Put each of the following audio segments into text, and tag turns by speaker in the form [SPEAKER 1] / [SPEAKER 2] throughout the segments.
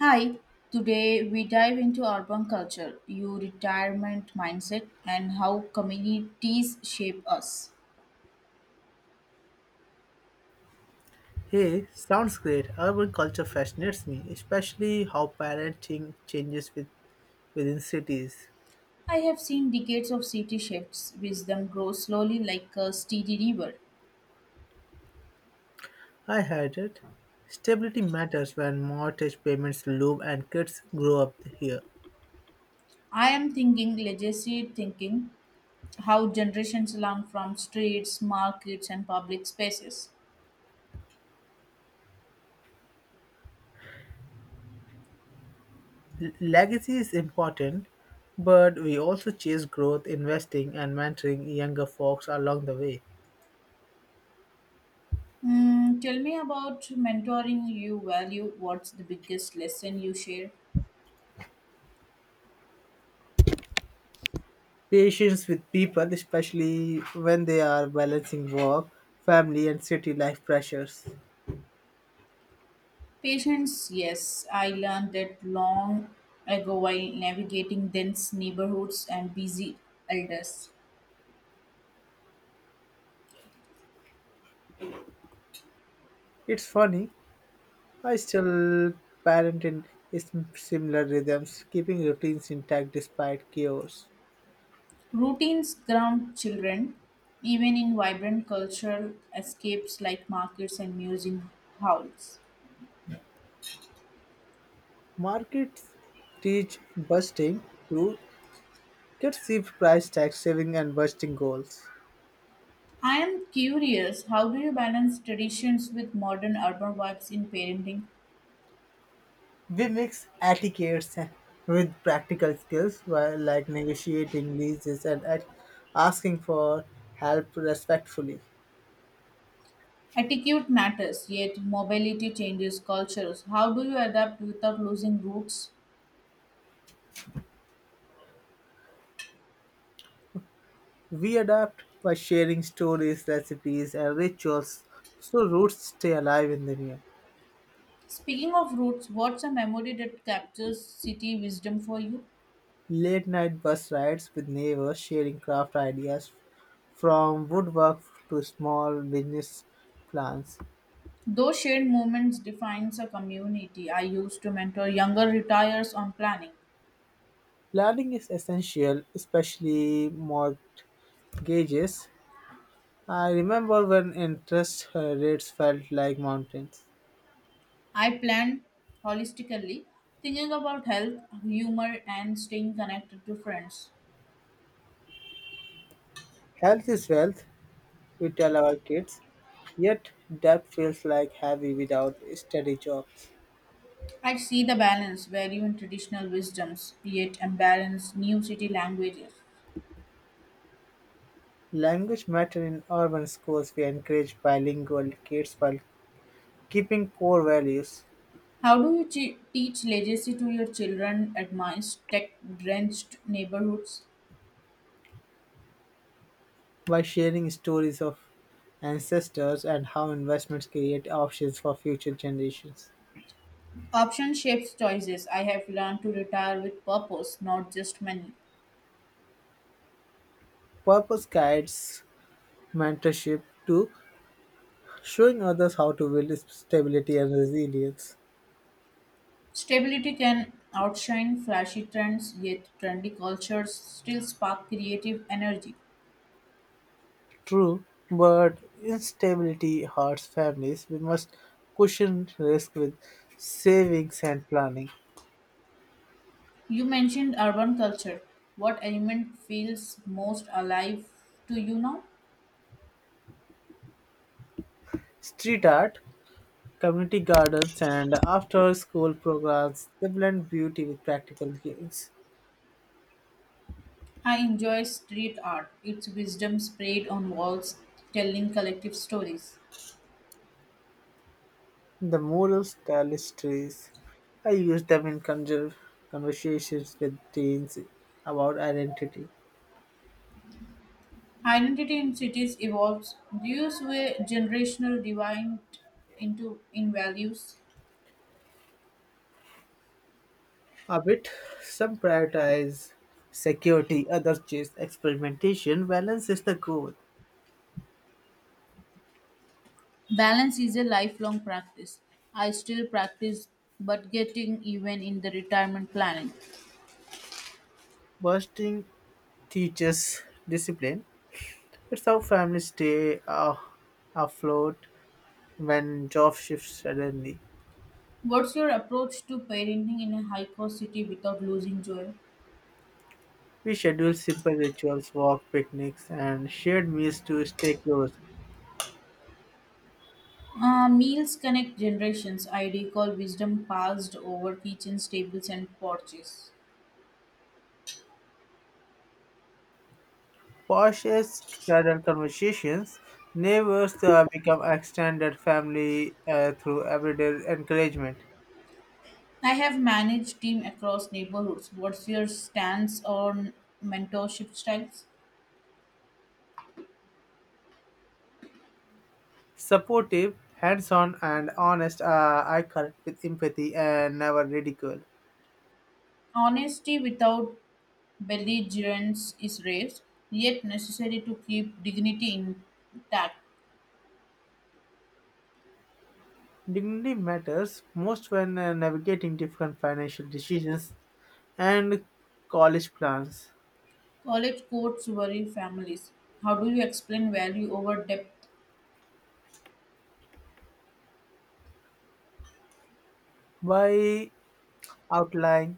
[SPEAKER 1] Hi, today we dive into urban culture, your retirement mindset, and how communities shape us.
[SPEAKER 2] Hey, sounds great. Urban culture fascinates me, especially how parenting changes within cities.
[SPEAKER 1] I have seen decades of city shifts, wisdom grows slowly like a steady river.
[SPEAKER 2] I heard it. Stability matters when mortgage payments loom and kids grow up here.
[SPEAKER 1] I am thinking legacy thinking, how generations learn from streets, markets, and public spaces.
[SPEAKER 2] Legacy is important, but we also chase growth, investing, and mentoring younger folks along the way.
[SPEAKER 1] Tell me about mentoring you value. What's the biggest lesson you share?
[SPEAKER 2] Patience with people, especially when they are balancing work, family, and city life pressures.
[SPEAKER 1] Patience, yes, I learned that long ago while navigating dense neighborhoods and busy elders.
[SPEAKER 2] It's funny I still parent in similar rhythms, keeping routines intact despite chaos.
[SPEAKER 1] Routines ground children, even in vibrant cultural escapes like markets and museum halls.
[SPEAKER 2] Markets teach busting to perceive price tag saving and busting goals.
[SPEAKER 1] I am curious, how do you balance traditions with modern urban vibes in parenting?
[SPEAKER 2] We mix etiquettes with practical skills while like negotiating leases and asking for help respectfully.
[SPEAKER 1] Attitude matters, yet mobility changes cultures. How do you adapt without losing roots?
[SPEAKER 2] We adapt by sharing stories, recipes, and rituals so roots stay alive in the new.
[SPEAKER 1] Speaking of roots, what's a memory that captures city wisdom for you?
[SPEAKER 2] Late night bus rides with neighbors sharing craft ideas from woodwork to small business plans.
[SPEAKER 1] Those shared moments defines a community. I used to mentor younger retirees on planning.
[SPEAKER 2] Planning is essential, especially mortgages. I remember when interest rates felt like mountains.
[SPEAKER 1] I planned holistically, thinking about health, humor, and staying connected to friends.
[SPEAKER 2] Health is wealth, we tell our kids, yet debt feels like heavy without steady jobs.
[SPEAKER 1] I see the balance, value in traditional wisdoms, yet embrace new city languages.
[SPEAKER 2] Language matter in urban schools. We encourage bilingual kids while keeping core values.
[SPEAKER 1] How do you teach legacy to your children amidst tech-drenched neighborhoods?
[SPEAKER 2] By sharing stories of ancestors and how investments create options for future generations.
[SPEAKER 1] Option shapes choices. I have learned to retire with purpose, not just money.
[SPEAKER 2] Purpose guides mentorship to showing others how to build stability and resilience.
[SPEAKER 1] Stability can outshine flashy trends, yet trendy cultures still spark creative energy.
[SPEAKER 2] True, but instability hurts families. We must cushion risk with savings and planning.
[SPEAKER 1] You mentioned urban culture. What element feels most alive to you now?
[SPEAKER 2] Street art, community gardens, and after school programs they blend beauty with practical gains.
[SPEAKER 1] I enjoy street art, its wisdom sprayed on walls, telling collective stories.
[SPEAKER 2] The moral tapestries. I use them in conversations with teens about identity.
[SPEAKER 1] Identity in cities evolves. Do you see a generational divide into in values?
[SPEAKER 2] A bit, some prioritize security, others chase experimentation. Balance is the goal.
[SPEAKER 1] Balance is a lifelong practice. I still practice but getting even in the retirement planning.
[SPEAKER 2] Bursting teaches discipline. It's how families stay afloat when job shifts suddenly.
[SPEAKER 1] What's your approach to parenting in a high cost city without losing joy?
[SPEAKER 2] We schedule simple rituals, walk, picnics, and shared meals to stay close.
[SPEAKER 1] Meals connect generations. I recall wisdom passed over kitchens, tables, and porches.
[SPEAKER 2] Porsche's casual conversations neighbors become extended family through everyday encouragement.
[SPEAKER 1] I have managed team across neighborhoods. What's your stance on mentorship styles?
[SPEAKER 2] Supportive, hands-on, and honest I connect with empathy and never ridicule.
[SPEAKER 1] Honesty without belligerence is rare, yet necessary to keep dignity intact.
[SPEAKER 2] Dignity matters most when navigating different financial decisions and college plans.
[SPEAKER 1] College courts worry families. How do you explain value over depth?
[SPEAKER 2] By outlining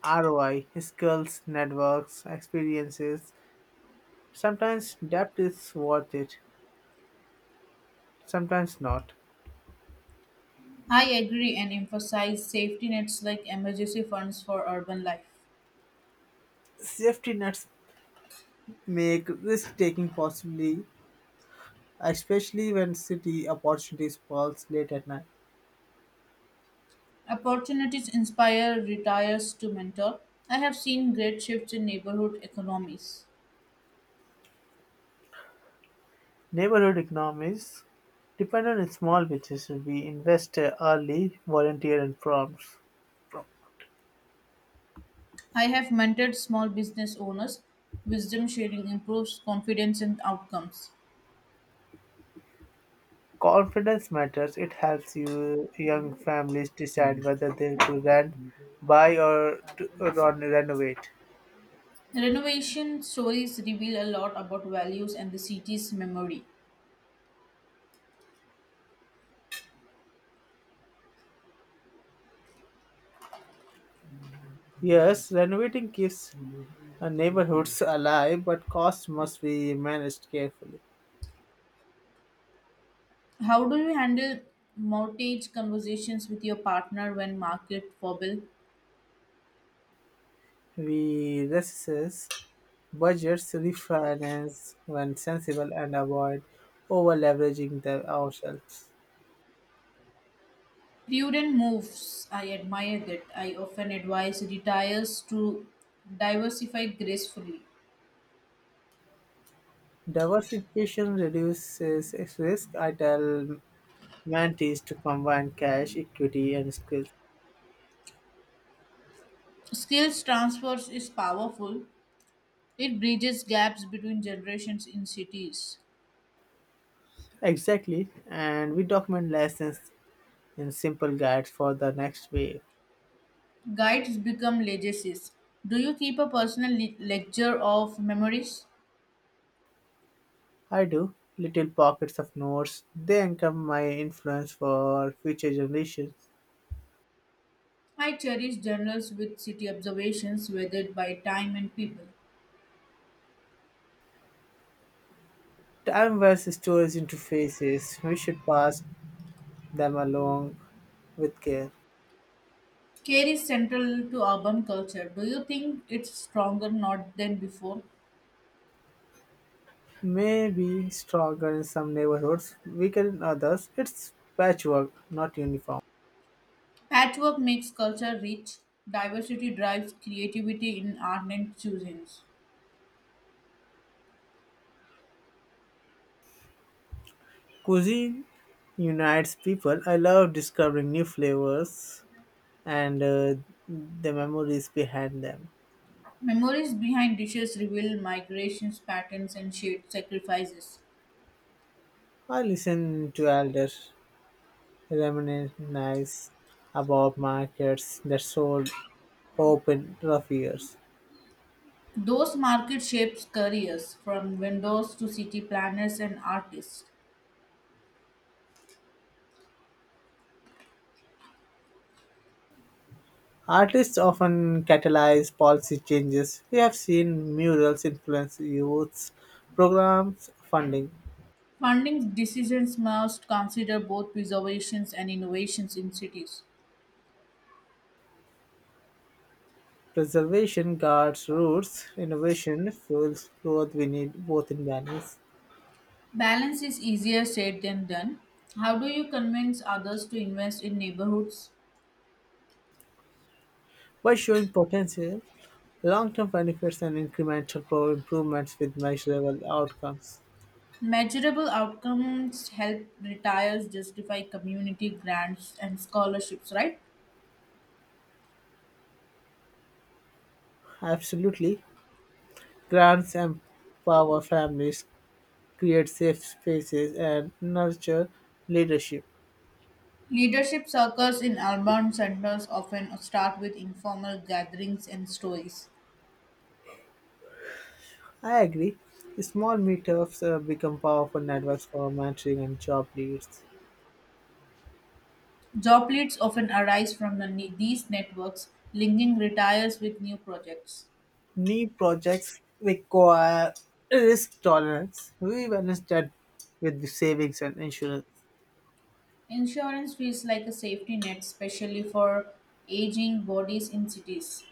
[SPEAKER 2] ROI, skills, networks, experiences, sometimes debt is worth it. Sometimes not.
[SPEAKER 1] I agree and emphasize safety nets like emergency funds for urban life.
[SPEAKER 2] Safety nets make risk taking possibly, especially when city opportunities pulse late at night.
[SPEAKER 1] Opportunities inspire retirees to mentor. I have seen great shifts in neighborhood economies.
[SPEAKER 2] Neighborhood economies depend on small businesses. We invest early, volunteer, and prompts.
[SPEAKER 1] I have mentored small business owners. Wisdom sharing improves confidence and outcomes.
[SPEAKER 2] Confidence matters. It helps you young families decide whether they to rent, buy, or renovate.
[SPEAKER 1] Renovation stories reveal a lot about values and the city's memory.
[SPEAKER 2] Yes, renovating keeps neighborhoods alive, but costs must be managed carefully.
[SPEAKER 1] How do you handle mortgage conversations with your partner when market wobble?
[SPEAKER 2] We reassess budgets, refinance when sensible, and avoid over-leveraging the ourselves.
[SPEAKER 1] Prudent moves. I admire that. I often advise retirees to diversify gracefully.
[SPEAKER 2] Diversification reduces risk. I tell mentees to combine cash, equity, and skills.
[SPEAKER 1] Skills transfers is powerful. It bridges gaps between generations in cities.
[SPEAKER 2] Exactly, and we document lessons in simple guides for the next wave.
[SPEAKER 1] Guides become legacies. Do you keep a personal ledger of memories?
[SPEAKER 2] I do little pockets of notes. They anchor my influence for future generations.
[SPEAKER 1] I cherish journals with city observations weathered by time and people.
[SPEAKER 2] Time versus storage interfaces. We should pass them along with care.
[SPEAKER 1] Care is central to urban culture. Do you think it's stronger not than before?
[SPEAKER 2] May be stronger in some neighborhoods, weaker in others. It's patchwork, not uniform.
[SPEAKER 1] Patchwork makes culture rich. Diversity drives creativity in art and cuisines.
[SPEAKER 2] Cuisine unites people. I love discovering new flavors and the memories behind them.
[SPEAKER 1] Memories behind dishes reveal migrations, patterns, and shared sacrifices.
[SPEAKER 2] I listen to elders reminisce about markets that sold hope in rough years.
[SPEAKER 1] Those market shapes careers from vendors to city planners and artists.
[SPEAKER 2] Artists often catalyze policy changes. We have seen murals influence youth programs, funding.
[SPEAKER 1] Funding decisions must consider both preservations and innovations in cities.
[SPEAKER 2] Preservation guards roots, innovation fuels growth. We need both in balance.
[SPEAKER 1] Balance is easier said than done. How do you convince others to invest in neighborhoods?
[SPEAKER 2] By showing potential, long term benefits, and incremental improvements with measurable outcomes.
[SPEAKER 1] Measurable outcomes help retirees justify community grants and scholarships, right?
[SPEAKER 2] Absolutely. Grants empower families, create safe spaces, and nurture leadership.
[SPEAKER 1] Leadership circles in urban centers often start with informal gatherings and stories.
[SPEAKER 2] I agree. Small meetups become powerful networks for mentoring and job leads.
[SPEAKER 1] Job leads often arise from these networks, linking retirees with new projects.
[SPEAKER 2] New projects require risk tolerance. We balance that with the savings and insurance.
[SPEAKER 1] Insurance feels like a safety net, especially for aging bodies in cities.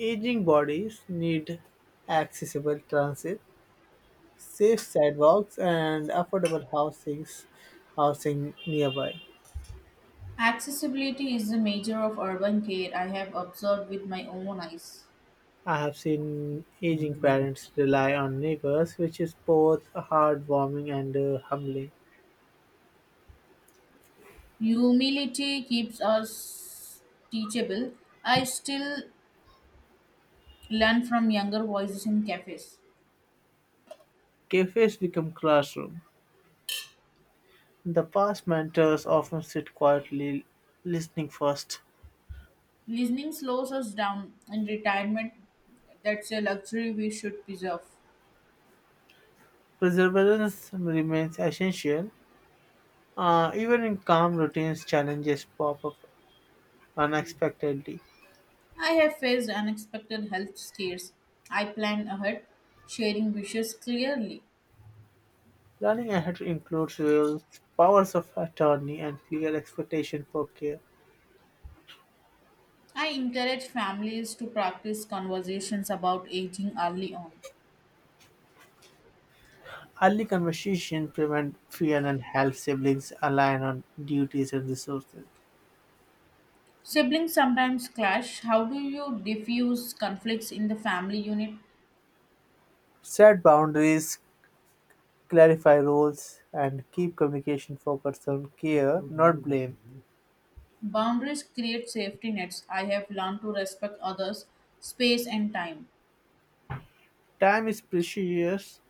[SPEAKER 2] Aging bodies need accessible transit, safe sidewalks, and affordable housings, housing nearby.
[SPEAKER 1] Accessibility is the major of urban care I have observed with my own eyes.
[SPEAKER 2] I have seen aging parents rely on neighbors, which is both heartwarming and humbling.
[SPEAKER 1] Humility keeps us teachable. I still learn from younger voices in cafes.
[SPEAKER 2] Cafes become classrooms. In the past mentors often sit quietly, listening first.
[SPEAKER 1] Listening slows us down in retirement. That's a luxury we should preserve.
[SPEAKER 2] Perseverance remains essential. Even in calm routines, challenges pop up unexpectedly.
[SPEAKER 1] I have faced unexpected health scares. I plan ahead, sharing wishes clearly.
[SPEAKER 2] Planning ahead includes wills, powers of attorney, and clear expectation for care.
[SPEAKER 1] I encourage families to practice conversations about aging early on.
[SPEAKER 2] Early conversation prevent fear and help siblings align on duties and resources.
[SPEAKER 1] Siblings sometimes clash. How do you diffuse conflicts in the family unit?
[SPEAKER 2] Set boundaries, clarify roles, and keep communication focused on care, not blame.
[SPEAKER 1] Boundaries create safety nets. I have learned to respect others, space, and time.
[SPEAKER 2] Time is precious.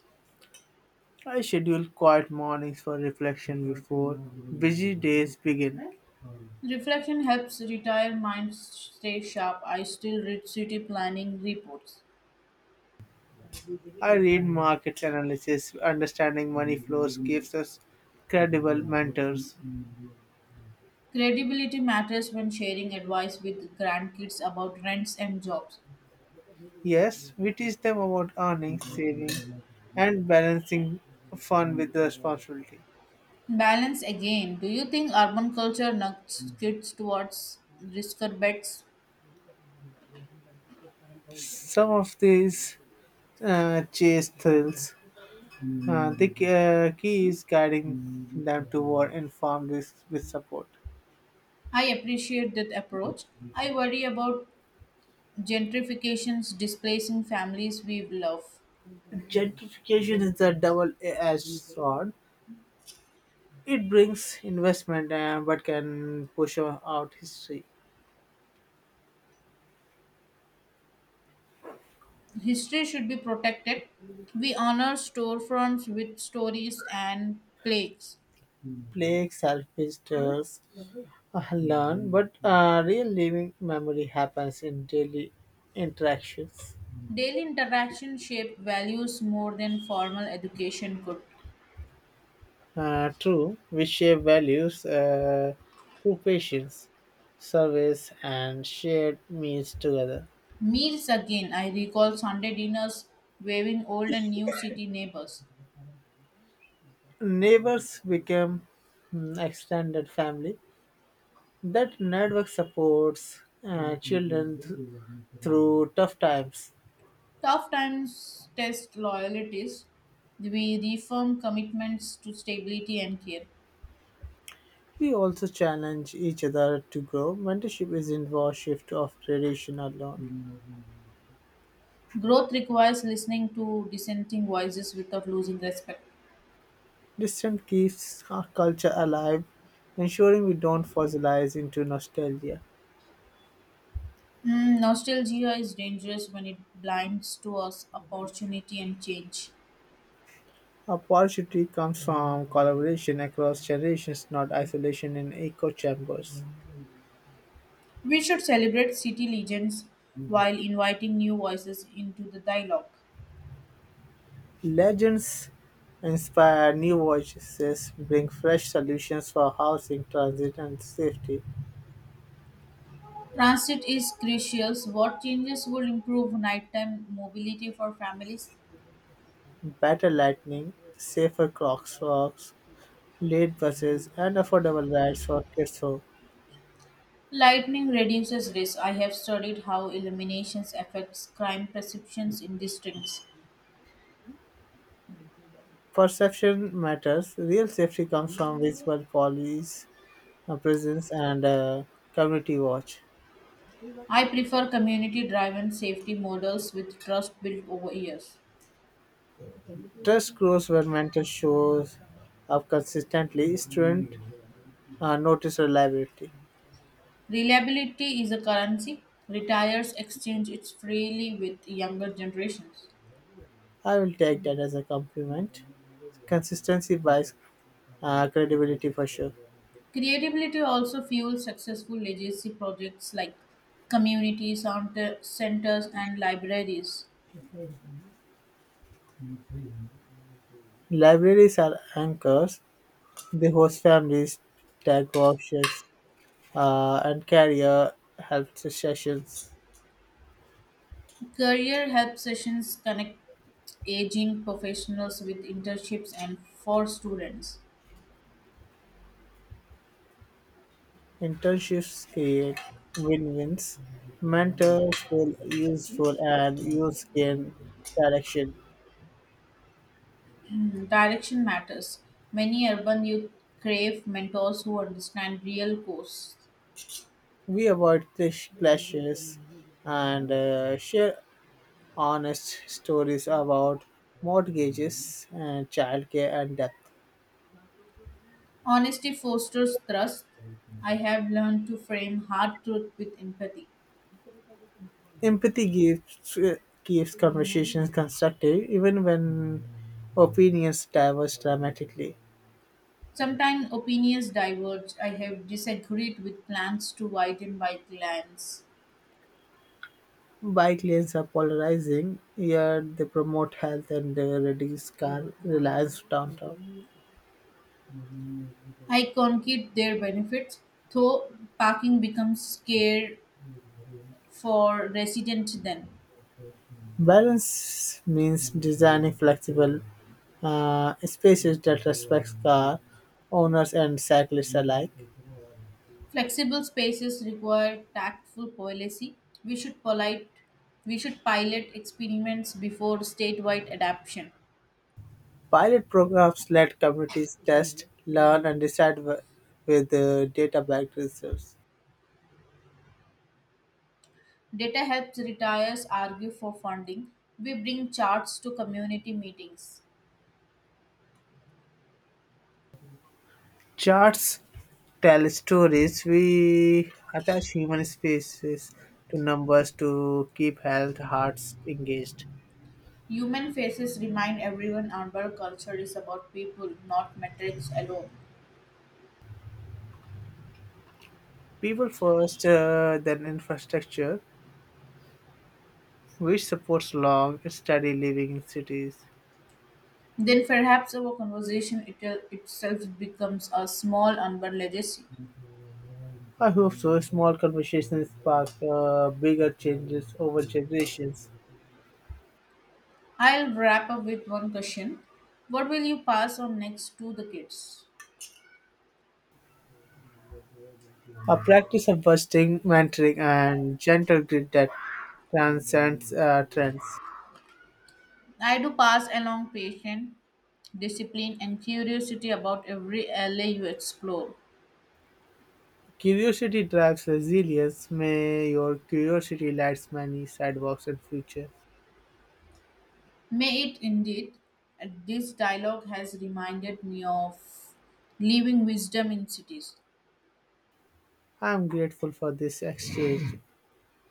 [SPEAKER 2] I schedule quiet mornings for reflection before busy days begin.
[SPEAKER 1] Reflection helps retire minds stay sharp. I still read city planning reports.
[SPEAKER 2] I read markets analysis. Understanding money flows gives us credible mentors.
[SPEAKER 1] Credibility matters when sharing advice with grandkids about rents and jobs.
[SPEAKER 2] Yes, we teach them about earning, saving, and balancing fun with responsibility.
[SPEAKER 1] Balance again. Do you think urban culture nudges kids towards risker bets?
[SPEAKER 2] Some of these chase thrills. The key is guiding them toward informed risk with support.
[SPEAKER 1] I appreciate that approach. I worry about gentrifications displacing families we love.
[SPEAKER 2] Gentrification is a double-edged sword. It brings investment, but can push out history.
[SPEAKER 1] History should be protected. We honor storefronts with stories and plaques.
[SPEAKER 2] Plague selfish tales learn, but real living memory happens in daily interactions.
[SPEAKER 1] Daily interaction shape values more than formal education could.
[SPEAKER 2] True, we share values through patience, service, and shared meals together.
[SPEAKER 1] Meals again, I recall Sunday dinners waving old and new city neighbors.
[SPEAKER 2] Neighbors become extended family. That network supports children through tough times.
[SPEAKER 1] Tough times test loyalties. We reaffirm commitments to stability and care.
[SPEAKER 2] We also challenge each other to grow. Mentorship isn't war shift of tradition alone.
[SPEAKER 1] Growth requires listening to dissenting voices without losing respect.
[SPEAKER 2] Distance keeps our culture alive, ensuring we don't fossilize into nostalgia.
[SPEAKER 1] Nostalgia is dangerous when it blinds to us opportunity and change.
[SPEAKER 2] Opportunity comes from collaboration across generations, not isolation in echo chambers.
[SPEAKER 1] We should celebrate city legends while inviting new voices into the dialogue.
[SPEAKER 2] Legends inspire new voices, bring fresh solutions for housing, transit, and safety.
[SPEAKER 1] Transit is crucial. What changes would improve nighttime mobility for families?
[SPEAKER 2] Better lighting, safer crosswalks, late buses, and affordable rides for kids. So,
[SPEAKER 1] Lightning reduces risk. I have studied how illuminations affects crime perceptions in districts.
[SPEAKER 2] perception matters. Real safety comes from visible police presence and community watch.
[SPEAKER 1] I prefer community-driven safety models with trust built over years.
[SPEAKER 2] Trust grows when mentor shows up consistently. Student notice reliability.
[SPEAKER 1] Reliability is a currency. Retirees exchange it freely with younger generations.
[SPEAKER 2] I will take that as a compliment. Consistency buys credibility for sure.
[SPEAKER 1] Creativity also fuels successful legacy projects like community centers and libraries.
[SPEAKER 2] Libraries are anchors. The host families tag options, and career help sessions.
[SPEAKER 1] Career help sessions connect aging professionals with internships and for students.
[SPEAKER 2] Internships create win-wins. Mentors feel useful and use gain direction.
[SPEAKER 1] Direction matters. Many urban youth crave mentors who understand real course.
[SPEAKER 2] We avoid clashes and share honest stories about mortgages and childcare and death.
[SPEAKER 1] Honesty fosters trust. I have learned to frame hard truth with empathy.
[SPEAKER 2] Empathy gives keeps conversations constructive even when opinions diverge dramatically.
[SPEAKER 1] Sometimes opinions diverge. I have disagreed with plans to widen bike lanes.
[SPEAKER 2] Bike lanes are polarizing, yet they promote health and reduce car reliance downtown.
[SPEAKER 1] I concede their benefits, though parking becomes scarce for residents then.
[SPEAKER 2] Balance means designing flexible spaces that respect car owners and cyclists alike.
[SPEAKER 1] Flexible spaces require tactful policy. We should polite we should pilot experiments before statewide adoption.
[SPEAKER 2] Pilot programs let communities test, learn, and decide with data-backed results.
[SPEAKER 1] Data helps retirees argue for funding. We bring charts to community meetings.
[SPEAKER 2] Charts tell stories. We attach human spaces to numbers to keep health hearts engaged.
[SPEAKER 1] Human faces remind everyone our culture is about people, not metrics alone.
[SPEAKER 2] People first, then infrastructure, which supports long, steady living in cities.
[SPEAKER 1] Then perhaps our conversation itself becomes a small urban legacy.
[SPEAKER 2] I hope so. Small conversations spark bigger changes over generations.
[SPEAKER 1] I'll wrap up with one question. What will you pass on next to the kids?
[SPEAKER 2] A practice of busting, mentoring, and gentle grit that transcends trends.
[SPEAKER 1] I do pass along patience, discipline, and curiosity about every alley you explore.
[SPEAKER 2] Curiosity drives resilience. May your curiosity lights many sidewalks in future.
[SPEAKER 1] May it indeed. This dialogue has reminded me of living wisdom in cities.
[SPEAKER 2] I am grateful for this exchange.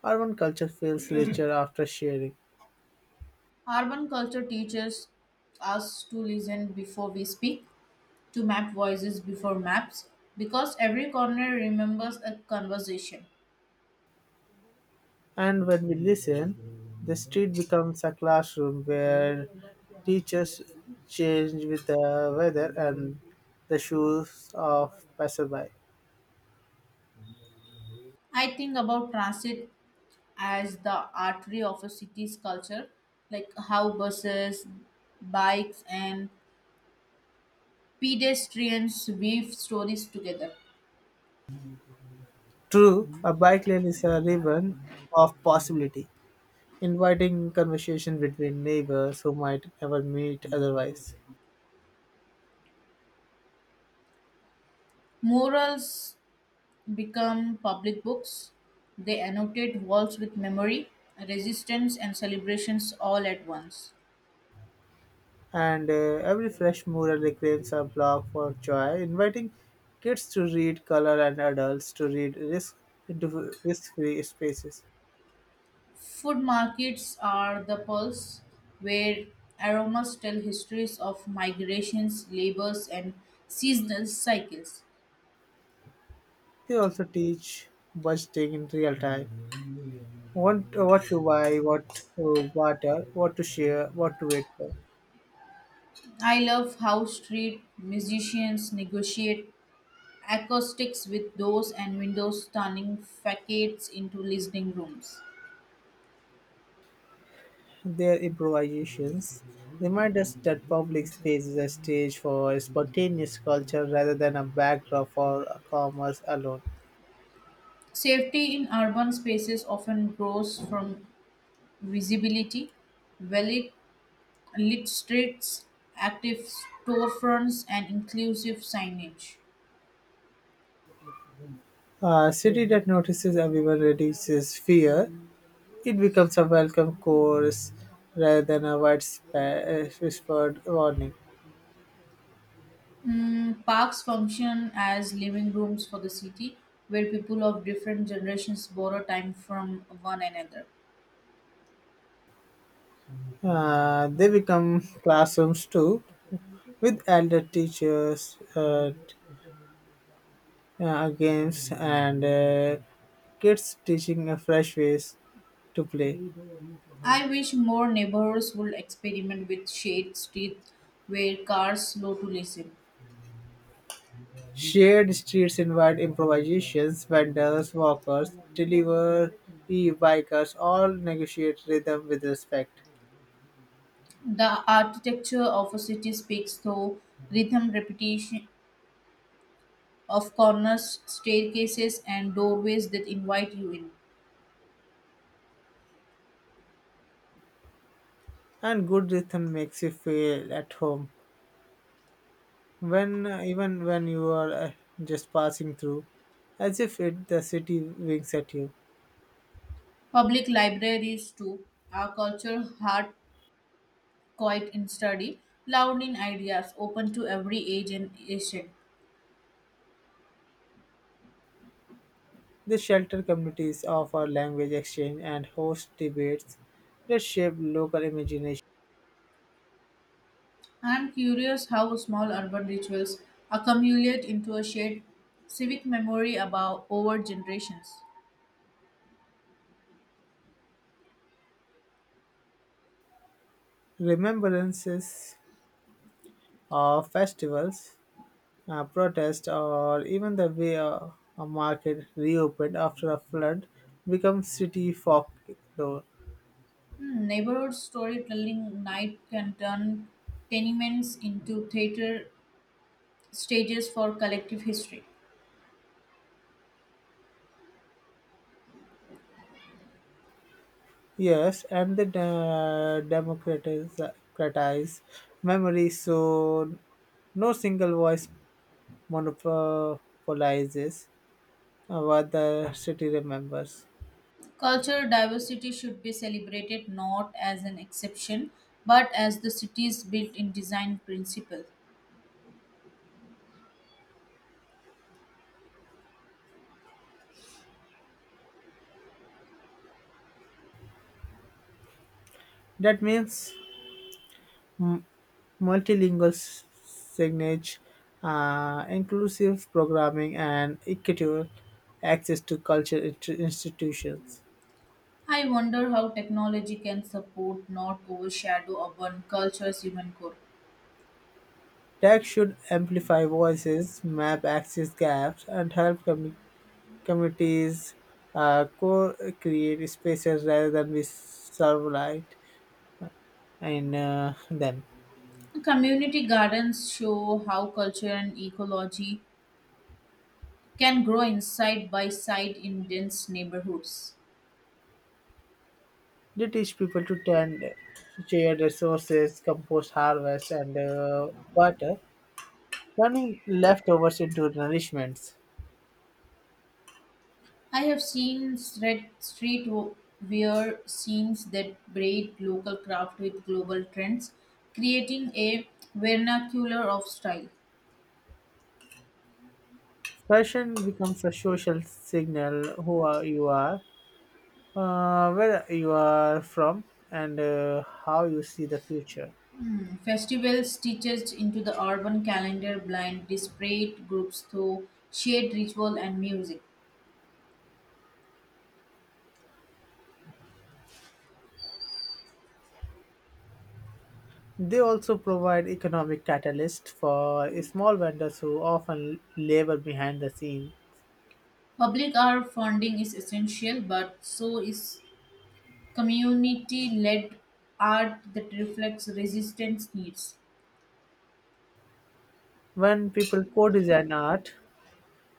[SPEAKER 2] Urban culture feels richer after sharing.
[SPEAKER 1] Urban culture teaches us to listen before we speak, to map voices before maps, because every corner remembers a conversation.
[SPEAKER 2] And when we listen, the street becomes a classroom where teachers change with the weather and the shoes of passerby.
[SPEAKER 1] I think about transit as the artery of a city's culture, like how buses, bikes, and pedestrians weave stories together.
[SPEAKER 2] True, a bike lane is a ribbon of possibility, inviting conversation between neighbors who might never meet otherwise.
[SPEAKER 1] Murals become public books. They annotate walls with memory, resistance, and celebrations all at once.
[SPEAKER 2] And every fresh mural reclaims a block for joy, inviting kids to read color and adults to read risk into risk-free spaces.
[SPEAKER 1] Food markets are the pulse where aromas tell histories of migrations, labors, and seasonal cycles.
[SPEAKER 2] They also teach budgeting in real time, what to buy, what to barter, what to share, what to wait for.
[SPEAKER 1] I love how street musicians negotiate acoustics with doors and windows, turning facades into listening rooms.
[SPEAKER 2] Their improvisations remind us that public space is a stage for spontaneous culture rather than a backdrop for commerce alone.
[SPEAKER 1] Safety in urban spaces often grows from visibility, well-lit lit streets, active storefronts, and inclusive signage.
[SPEAKER 2] A city that notices everyone reduces fear. It becomes a welcome chorus rather than a widespread whispered warning.
[SPEAKER 1] Parks function as living rooms for the city, where people of different generations borrow time from one another.
[SPEAKER 2] They become classrooms too, with elder teachers, games, and kids teaching a fresh ways to play.
[SPEAKER 1] I wish more neighborhoods would experiment with shade streets where cars slow to listen.
[SPEAKER 2] Shared streets invite improvisations, vendors, walkers, delivery bikers all negotiate rhythm with respect.
[SPEAKER 1] The architecture of a city speaks through rhythm repetition of corners, staircases, and doorways that invite you in.
[SPEAKER 2] And good rhythm makes you feel at home, when even when you are just passing through, as if it the city winks at you.
[SPEAKER 1] Public libraries, too, are culture hard, quiet in study, loud in ideas, open to every age and nation.
[SPEAKER 2] The shelter communities offer language exchange and host debates that shape local imagination.
[SPEAKER 1] I am curious how small urban rituals accumulate into a shared civic memory about over generations.
[SPEAKER 2] Remembrances of festivals, protests, or even the way a market reopened after a flood become city folklore.
[SPEAKER 1] Neighborhood storytelling night can turn tenements into theater stages for collective history.
[SPEAKER 2] Yes, and the democratize memory, so no single voice monopolizes what the city remembers.
[SPEAKER 1] Cultural diversity should be celebrated not as an exception, but as the city's built in design principle.
[SPEAKER 2] That means m- multilingual signage, inclusive programming, and equitable access to cultural institutions.
[SPEAKER 1] I wonder how technology can support, not overshadow, urban culture's human core.
[SPEAKER 2] Tech should amplify voices, map access gaps, and help communities co create spaces rather than be serve in them.
[SPEAKER 1] Community gardens show how culture and ecology can grow inside by side in dense neighborhoods.
[SPEAKER 2] They teach people to turn shared resources, compost, harvest, and water, turning leftovers into nourishments.
[SPEAKER 1] I have seen street scenes that braid local craft with global trends, creating a vernacular of style.
[SPEAKER 2] Fashion becomes a social signal who are, you are, where you are from, and how you see the future.
[SPEAKER 1] Festivals stitched into the urban calendar blind disparate groups through shared ritual and music.
[SPEAKER 2] They also provide economic catalyst for small vendors who often labor behind the scene.
[SPEAKER 1] Public art funding is essential, but so is community led art that reflects resistance needs.
[SPEAKER 2] When people co-design art,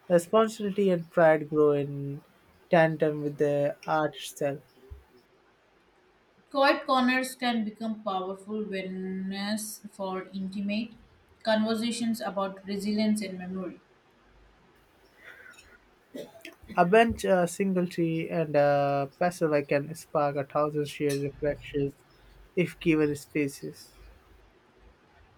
[SPEAKER 2] responsibility and pride grow in tandem with the art itself.
[SPEAKER 1] Quiet corners can become powerful venues for intimate conversations about resilience and memory.
[SPEAKER 2] A bench, a single tree, and a passerby can spark a thousand shared reflections if given spaces.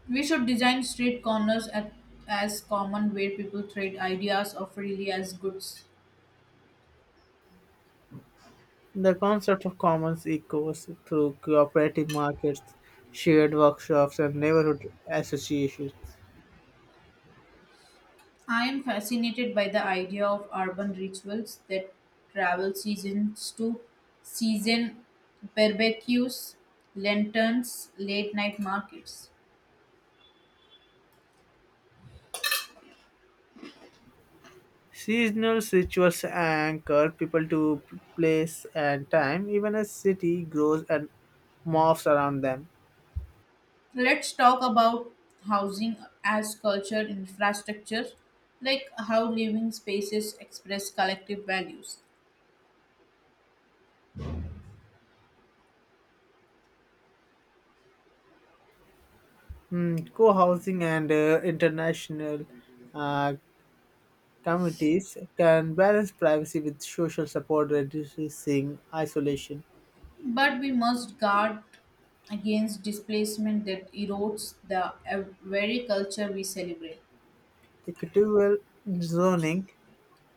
[SPEAKER 1] We should design street corners at, as common where people trade ideas or freely as goods.
[SPEAKER 2] The concept of commons echoes through cooperative markets, shared workshops, and neighborhood associations.
[SPEAKER 1] I am fascinated by the idea of urban rituals that travel seasons to season barbecues, lanterns, late night markets.
[SPEAKER 2] Seasonal rituals anchor people to place and time, even as city grows and morphs around them.
[SPEAKER 1] Let's talk about housing as culture infrastructure, like how living spaces express collective values.
[SPEAKER 2] Mm, co-housing and international uh, communities can balance privacy with social support, reducing isolation.
[SPEAKER 1] But we must guard against displacement that erodes the very culture we celebrate.
[SPEAKER 2] Equitable zoning,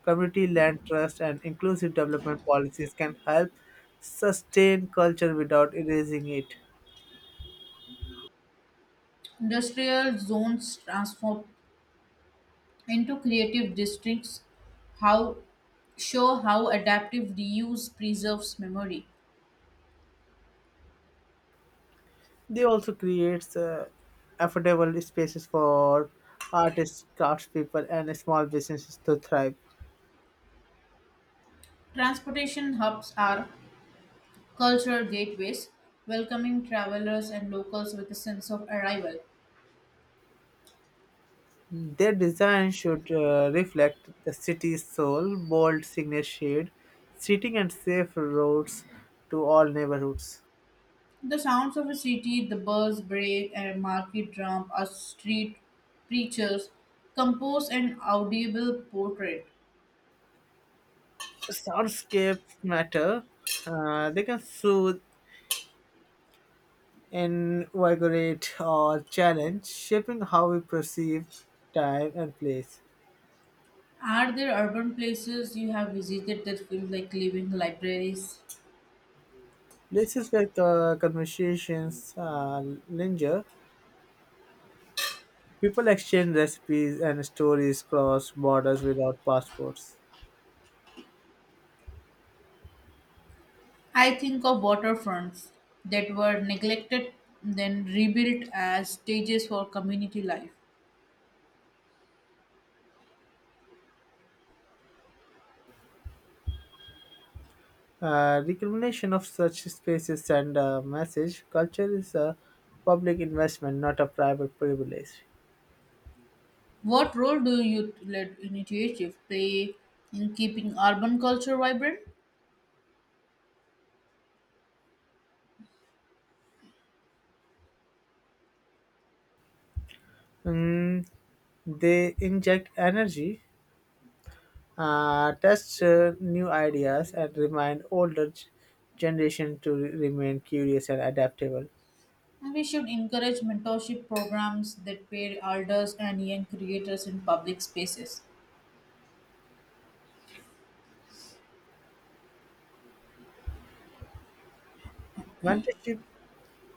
[SPEAKER 2] community land trust, and inclusive development policies can help sustain culture without erasing it.
[SPEAKER 1] Industrial zones transform into creative districts how show how adaptive reuse preserves memory.
[SPEAKER 2] They also create affordable spaces for artists, craftspeople, and small businesses to thrive.
[SPEAKER 1] Transportation hubs are cultural gateways, welcoming travelers and locals with a sense of arrival.
[SPEAKER 2] Their design should reflect the city's soul, bold signage shade, seating and safe roads to all neighborhoods.
[SPEAKER 1] The sounds of a city, the buzz, brake, and market drum are street preachers, compose an audible portrait.
[SPEAKER 2] Soundscapes matter. They can soothe, invigorate, or challenge, shaping how we perceive time and place.
[SPEAKER 1] Are there urban places you have visited that feel like living libraries?
[SPEAKER 2] Places where conversations linger, people exchange recipes and stories cross borders without passports.
[SPEAKER 1] I think of waterfronts that were neglected, then rebuilt as stages for community life.
[SPEAKER 2] Recognition of such spaces send a message. Culture is a public investment, not a private privilege.
[SPEAKER 1] What role do youth-led initiatives play in keeping urban culture vibrant?
[SPEAKER 2] Mm, they inject energy, test new ideas, and remind older generation to remain curious and adaptable.
[SPEAKER 1] We should encourage mentorship programs that pair elders and young creators in public spaces.
[SPEAKER 2] Mentorship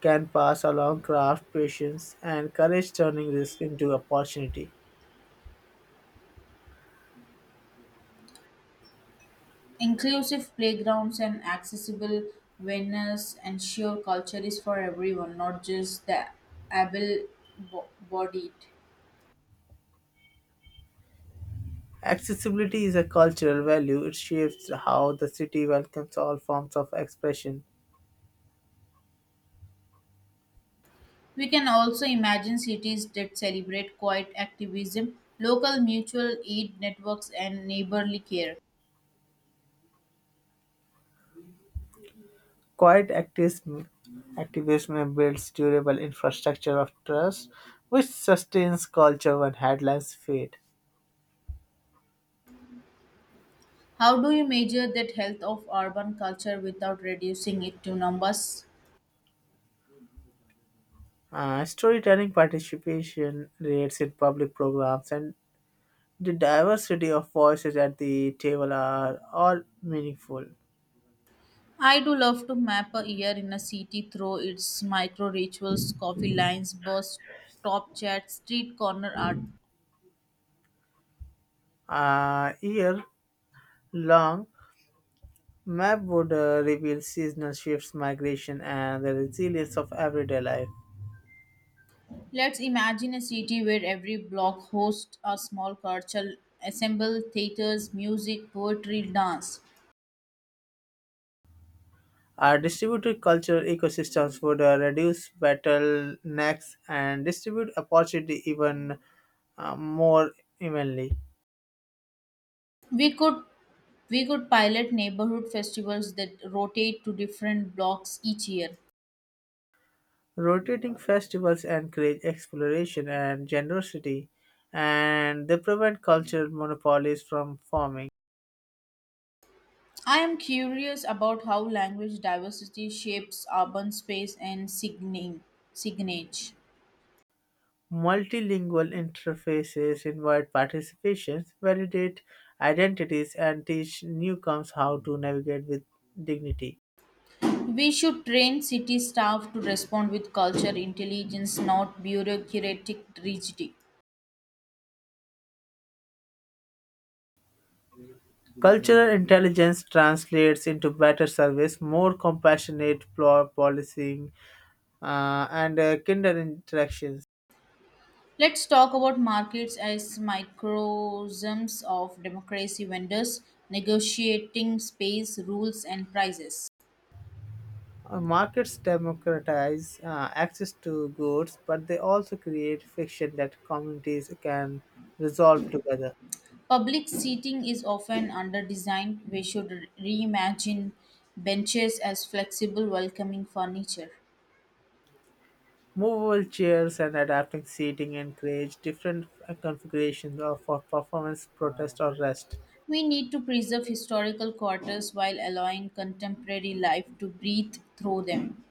[SPEAKER 2] can pass along craft, patience, and courage, turning risk into opportunity.
[SPEAKER 1] Inclusive playgrounds and accessible venues ensure culture is for everyone, not just the able-bodied.
[SPEAKER 2] Accessibility is a cultural value. It shapes how the city welcomes all forms of expression.
[SPEAKER 1] We can also imagine cities that celebrate quiet activism, local mutual aid networks, and neighborly care.
[SPEAKER 2] Quiet activism builds durable infrastructure of trust, which sustains culture when headlines fade.
[SPEAKER 1] How do you measure that health of urban culture without reducing it to numbers?
[SPEAKER 2] Storytelling participation rates in public programs and the diversity of voices at the table are all meaningful.
[SPEAKER 1] I do love to map a year in a city through its micro rituals, coffee lines, bus stop chats, street corner art.
[SPEAKER 2] A year long map would reveal seasonal shifts, migration, and the resilience of everyday life.
[SPEAKER 1] Let's imagine a city where every block hosts a small cultural assemble, theaters, music, poetry, dance.
[SPEAKER 2] Our distributed cultural ecosystems would reduce bottlenecks and distribute opportunity even more evenly.
[SPEAKER 1] We could we could pilot neighborhood festivals that rotate to different blocks each year.
[SPEAKER 2] Rotating festivals encourage exploration and generosity, and they prevent cultural monopolies from forming.
[SPEAKER 1] I am curious about how language diversity shapes urban space and signage.
[SPEAKER 2] Multilingual interfaces invite participations, validate identities, and teach newcomers how to navigate with dignity.
[SPEAKER 1] We should train city staff to respond with culture intelligence, not bureaucratic rigidity.
[SPEAKER 2] Cultural intelligence translates into better service, more compassionate policing, and kinder interactions.
[SPEAKER 1] Let's talk about markets as microcosms of democracy vendors negotiating space rules and prices.
[SPEAKER 2] Markets democratize access to goods, but they also create friction that communities can resolve together.
[SPEAKER 1] Public seating is often underdesigned. We should reimagine benches as flexible, welcoming furniture.
[SPEAKER 2] Movable chairs and adapting seating encourage different configurations for performance, protest, or rest.
[SPEAKER 1] We need to preserve historical quarters while allowing contemporary life to breathe through them.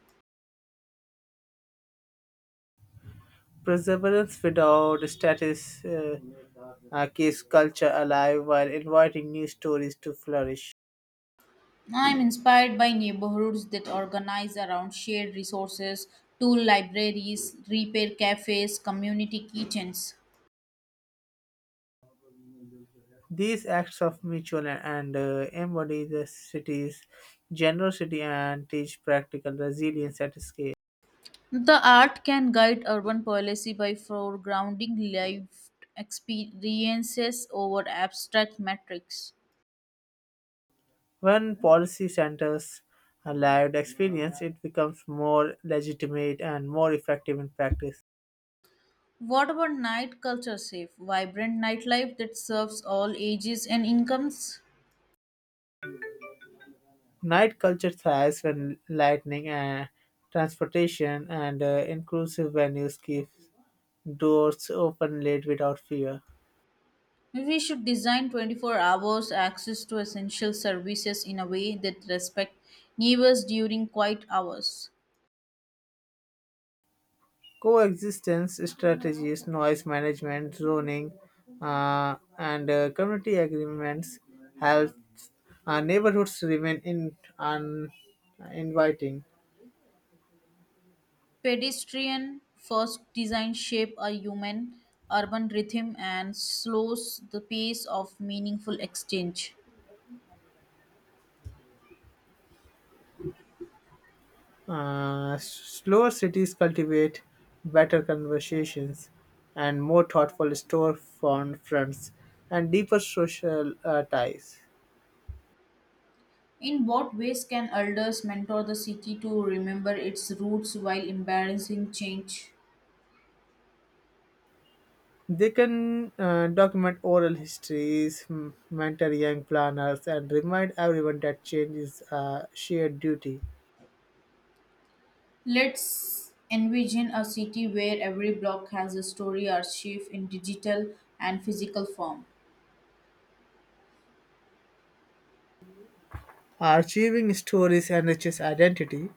[SPEAKER 2] Perseverance without status keeps culture alive while inviting new stories to flourish.
[SPEAKER 1] I'm inspired by neighborhoods that organize around shared resources, tool libraries, repair cafes, community kitchens.
[SPEAKER 2] These acts of mutual and embody the city's generosity and teach practical resilience at scale.
[SPEAKER 1] The art can guide urban policy by foregrounding lived experiences over abstract metrics.
[SPEAKER 2] When policy centers a lived experience, it becomes more legitimate and more effective in practice.
[SPEAKER 1] What about night culture safe, vibrant nightlife that serves all ages and incomes?
[SPEAKER 2] Night culture thrives when lightning and transportation and inclusive venues keeps doors open late without fear.
[SPEAKER 1] Maybe we should design 24 hours access to essential services in a way that respect neighbors during quiet hours.
[SPEAKER 2] Coexistence strategies, noise management, zoning, and community agreements help neighborhoods remain in, inviting.
[SPEAKER 1] Pedestrian first design shape a human urban rhythm and slows the pace of meaningful exchange.
[SPEAKER 2] Slower cities cultivate better conversations and more thoughtful storefront fronts and deeper social ties.
[SPEAKER 1] In what ways can elders mentor the city to remember its roots while embracing change?
[SPEAKER 2] They can document oral histories, mentor young planners, and remind everyone that change is a shared duty.
[SPEAKER 1] Let's envision a city where every block has a story archive in digital and physical form.
[SPEAKER 2] Archiving stories enriches identity,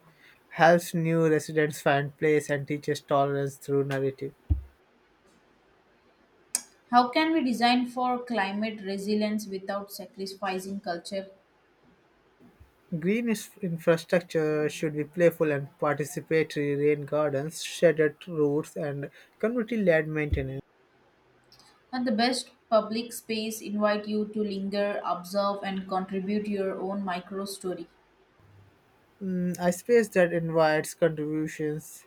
[SPEAKER 2] helps new residents find place, and teaches tolerance through narrative.
[SPEAKER 1] How can we design for climate resilience without sacrificing culture?
[SPEAKER 2] Green infrastructure should be playful and participatory. Rain gardens, shaded routes, and community-led maintenance.
[SPEAKER 1] And the best public space invite you to linger, observe, and contribute your own micro story.
[SPEAKER 2] Mm, a space that invites contributions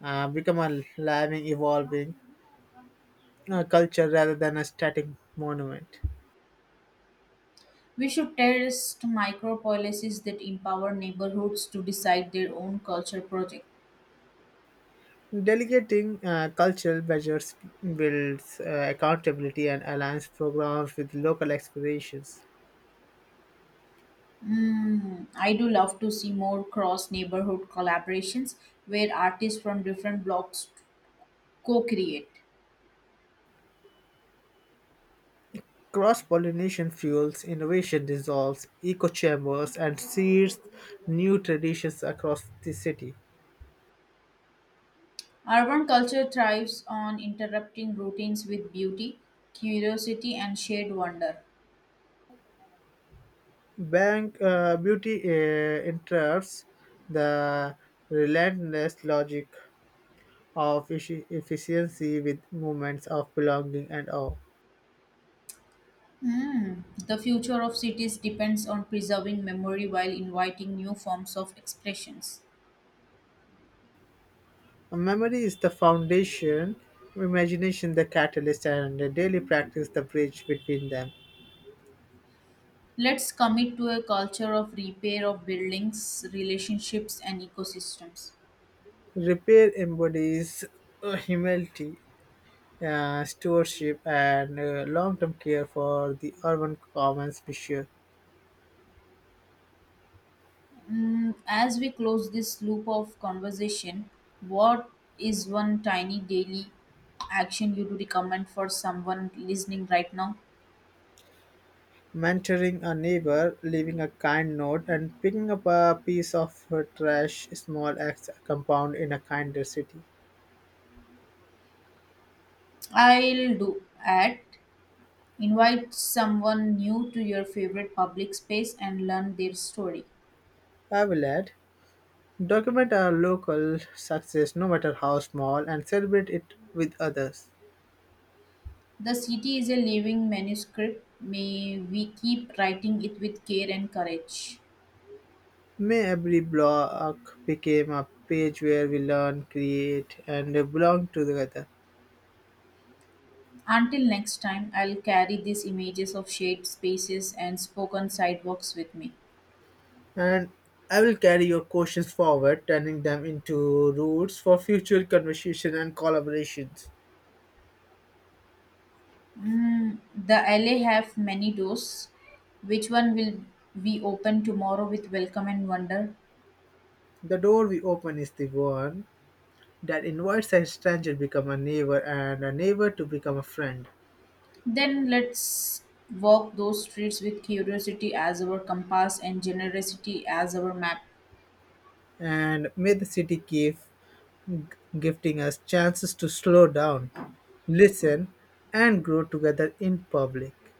[SPEAKER 2] become a living, evolving culture rather than a static monument.
[SPEAKER 1] We should test micro policies that empower neighborhoods to decide their own culture project.
[SPEAKER 2] Delegating cultural measures builds accountability and aligns programs with local aspirations.
[SPEAKER 1] I do love to see more cross neighborhood collaborations where artists from different blocks co create.
[SPEAKER 2] Cross pollination fuels innovation, dissolves echo chambers, and seeds new traditions across the city.
[SPEAKER 1] Urban culture thrives on interrupting routines with beauty, curiosity, and shared wonder.
[SPEAKER 2] Bank beauty interrupts the relentless logic of efficiency with movements of belonging and awe.
[SPEAKER 1] Hmm. The future of cities depends on preserving memory while inviting new forms of expressions.
[SPEAKER 2] A memory is the foundation, imagination the catalyst, and a daily practice the bridge between them.
[SPEAKER 1] Let's commit to a culture of repair of buildings, relationships, and ecosystems.
[SPEAKER 2] Repair embodies humility, stewardship, and long term care for the urban commons issue.
[SPEAKER 1] As we close this loop of conversation, what is one tiny daily action you would recommend for someone listening right now?
[SPEAKER 2] Mentoring a neighbor, leaving a kind note, and picking up a piece of trash, small acts compound in a kinder city.
[SPEAKER 1] I'll do at Invite someone new to your favorite public space and learn their story.
[SPEAKER 2] I will add document our local success, no matter how small, and celebrate it with others.
[SPEAKER 1] The city is a living manuscript. May we keep writing it with care and courage.
[SPEAKER 2] May every block became a page where we learn, create, and belong together.
[SPEAKER 1] Until next time, I'll carry these images of shade spaces and spoken sidewalks with me.
[SPEAKER 2] And I will carry your questions forward, turning them into routes for future conversation and collaborations.
[SPEAKER 1] The LA have many doors. Which one will we open tomorrow with welcome and wonder?
[SPEAKER 2] The door we open is the one that invites a stranger to become a neighbor and a neighbor to become a friend.
[SPEAKER 1] Then let's walk those streets with curiosity as our compass and generosity as our map.
[SPEAKER 2] And may the city keep gifting us chances to slow down, listen, and grow together in public.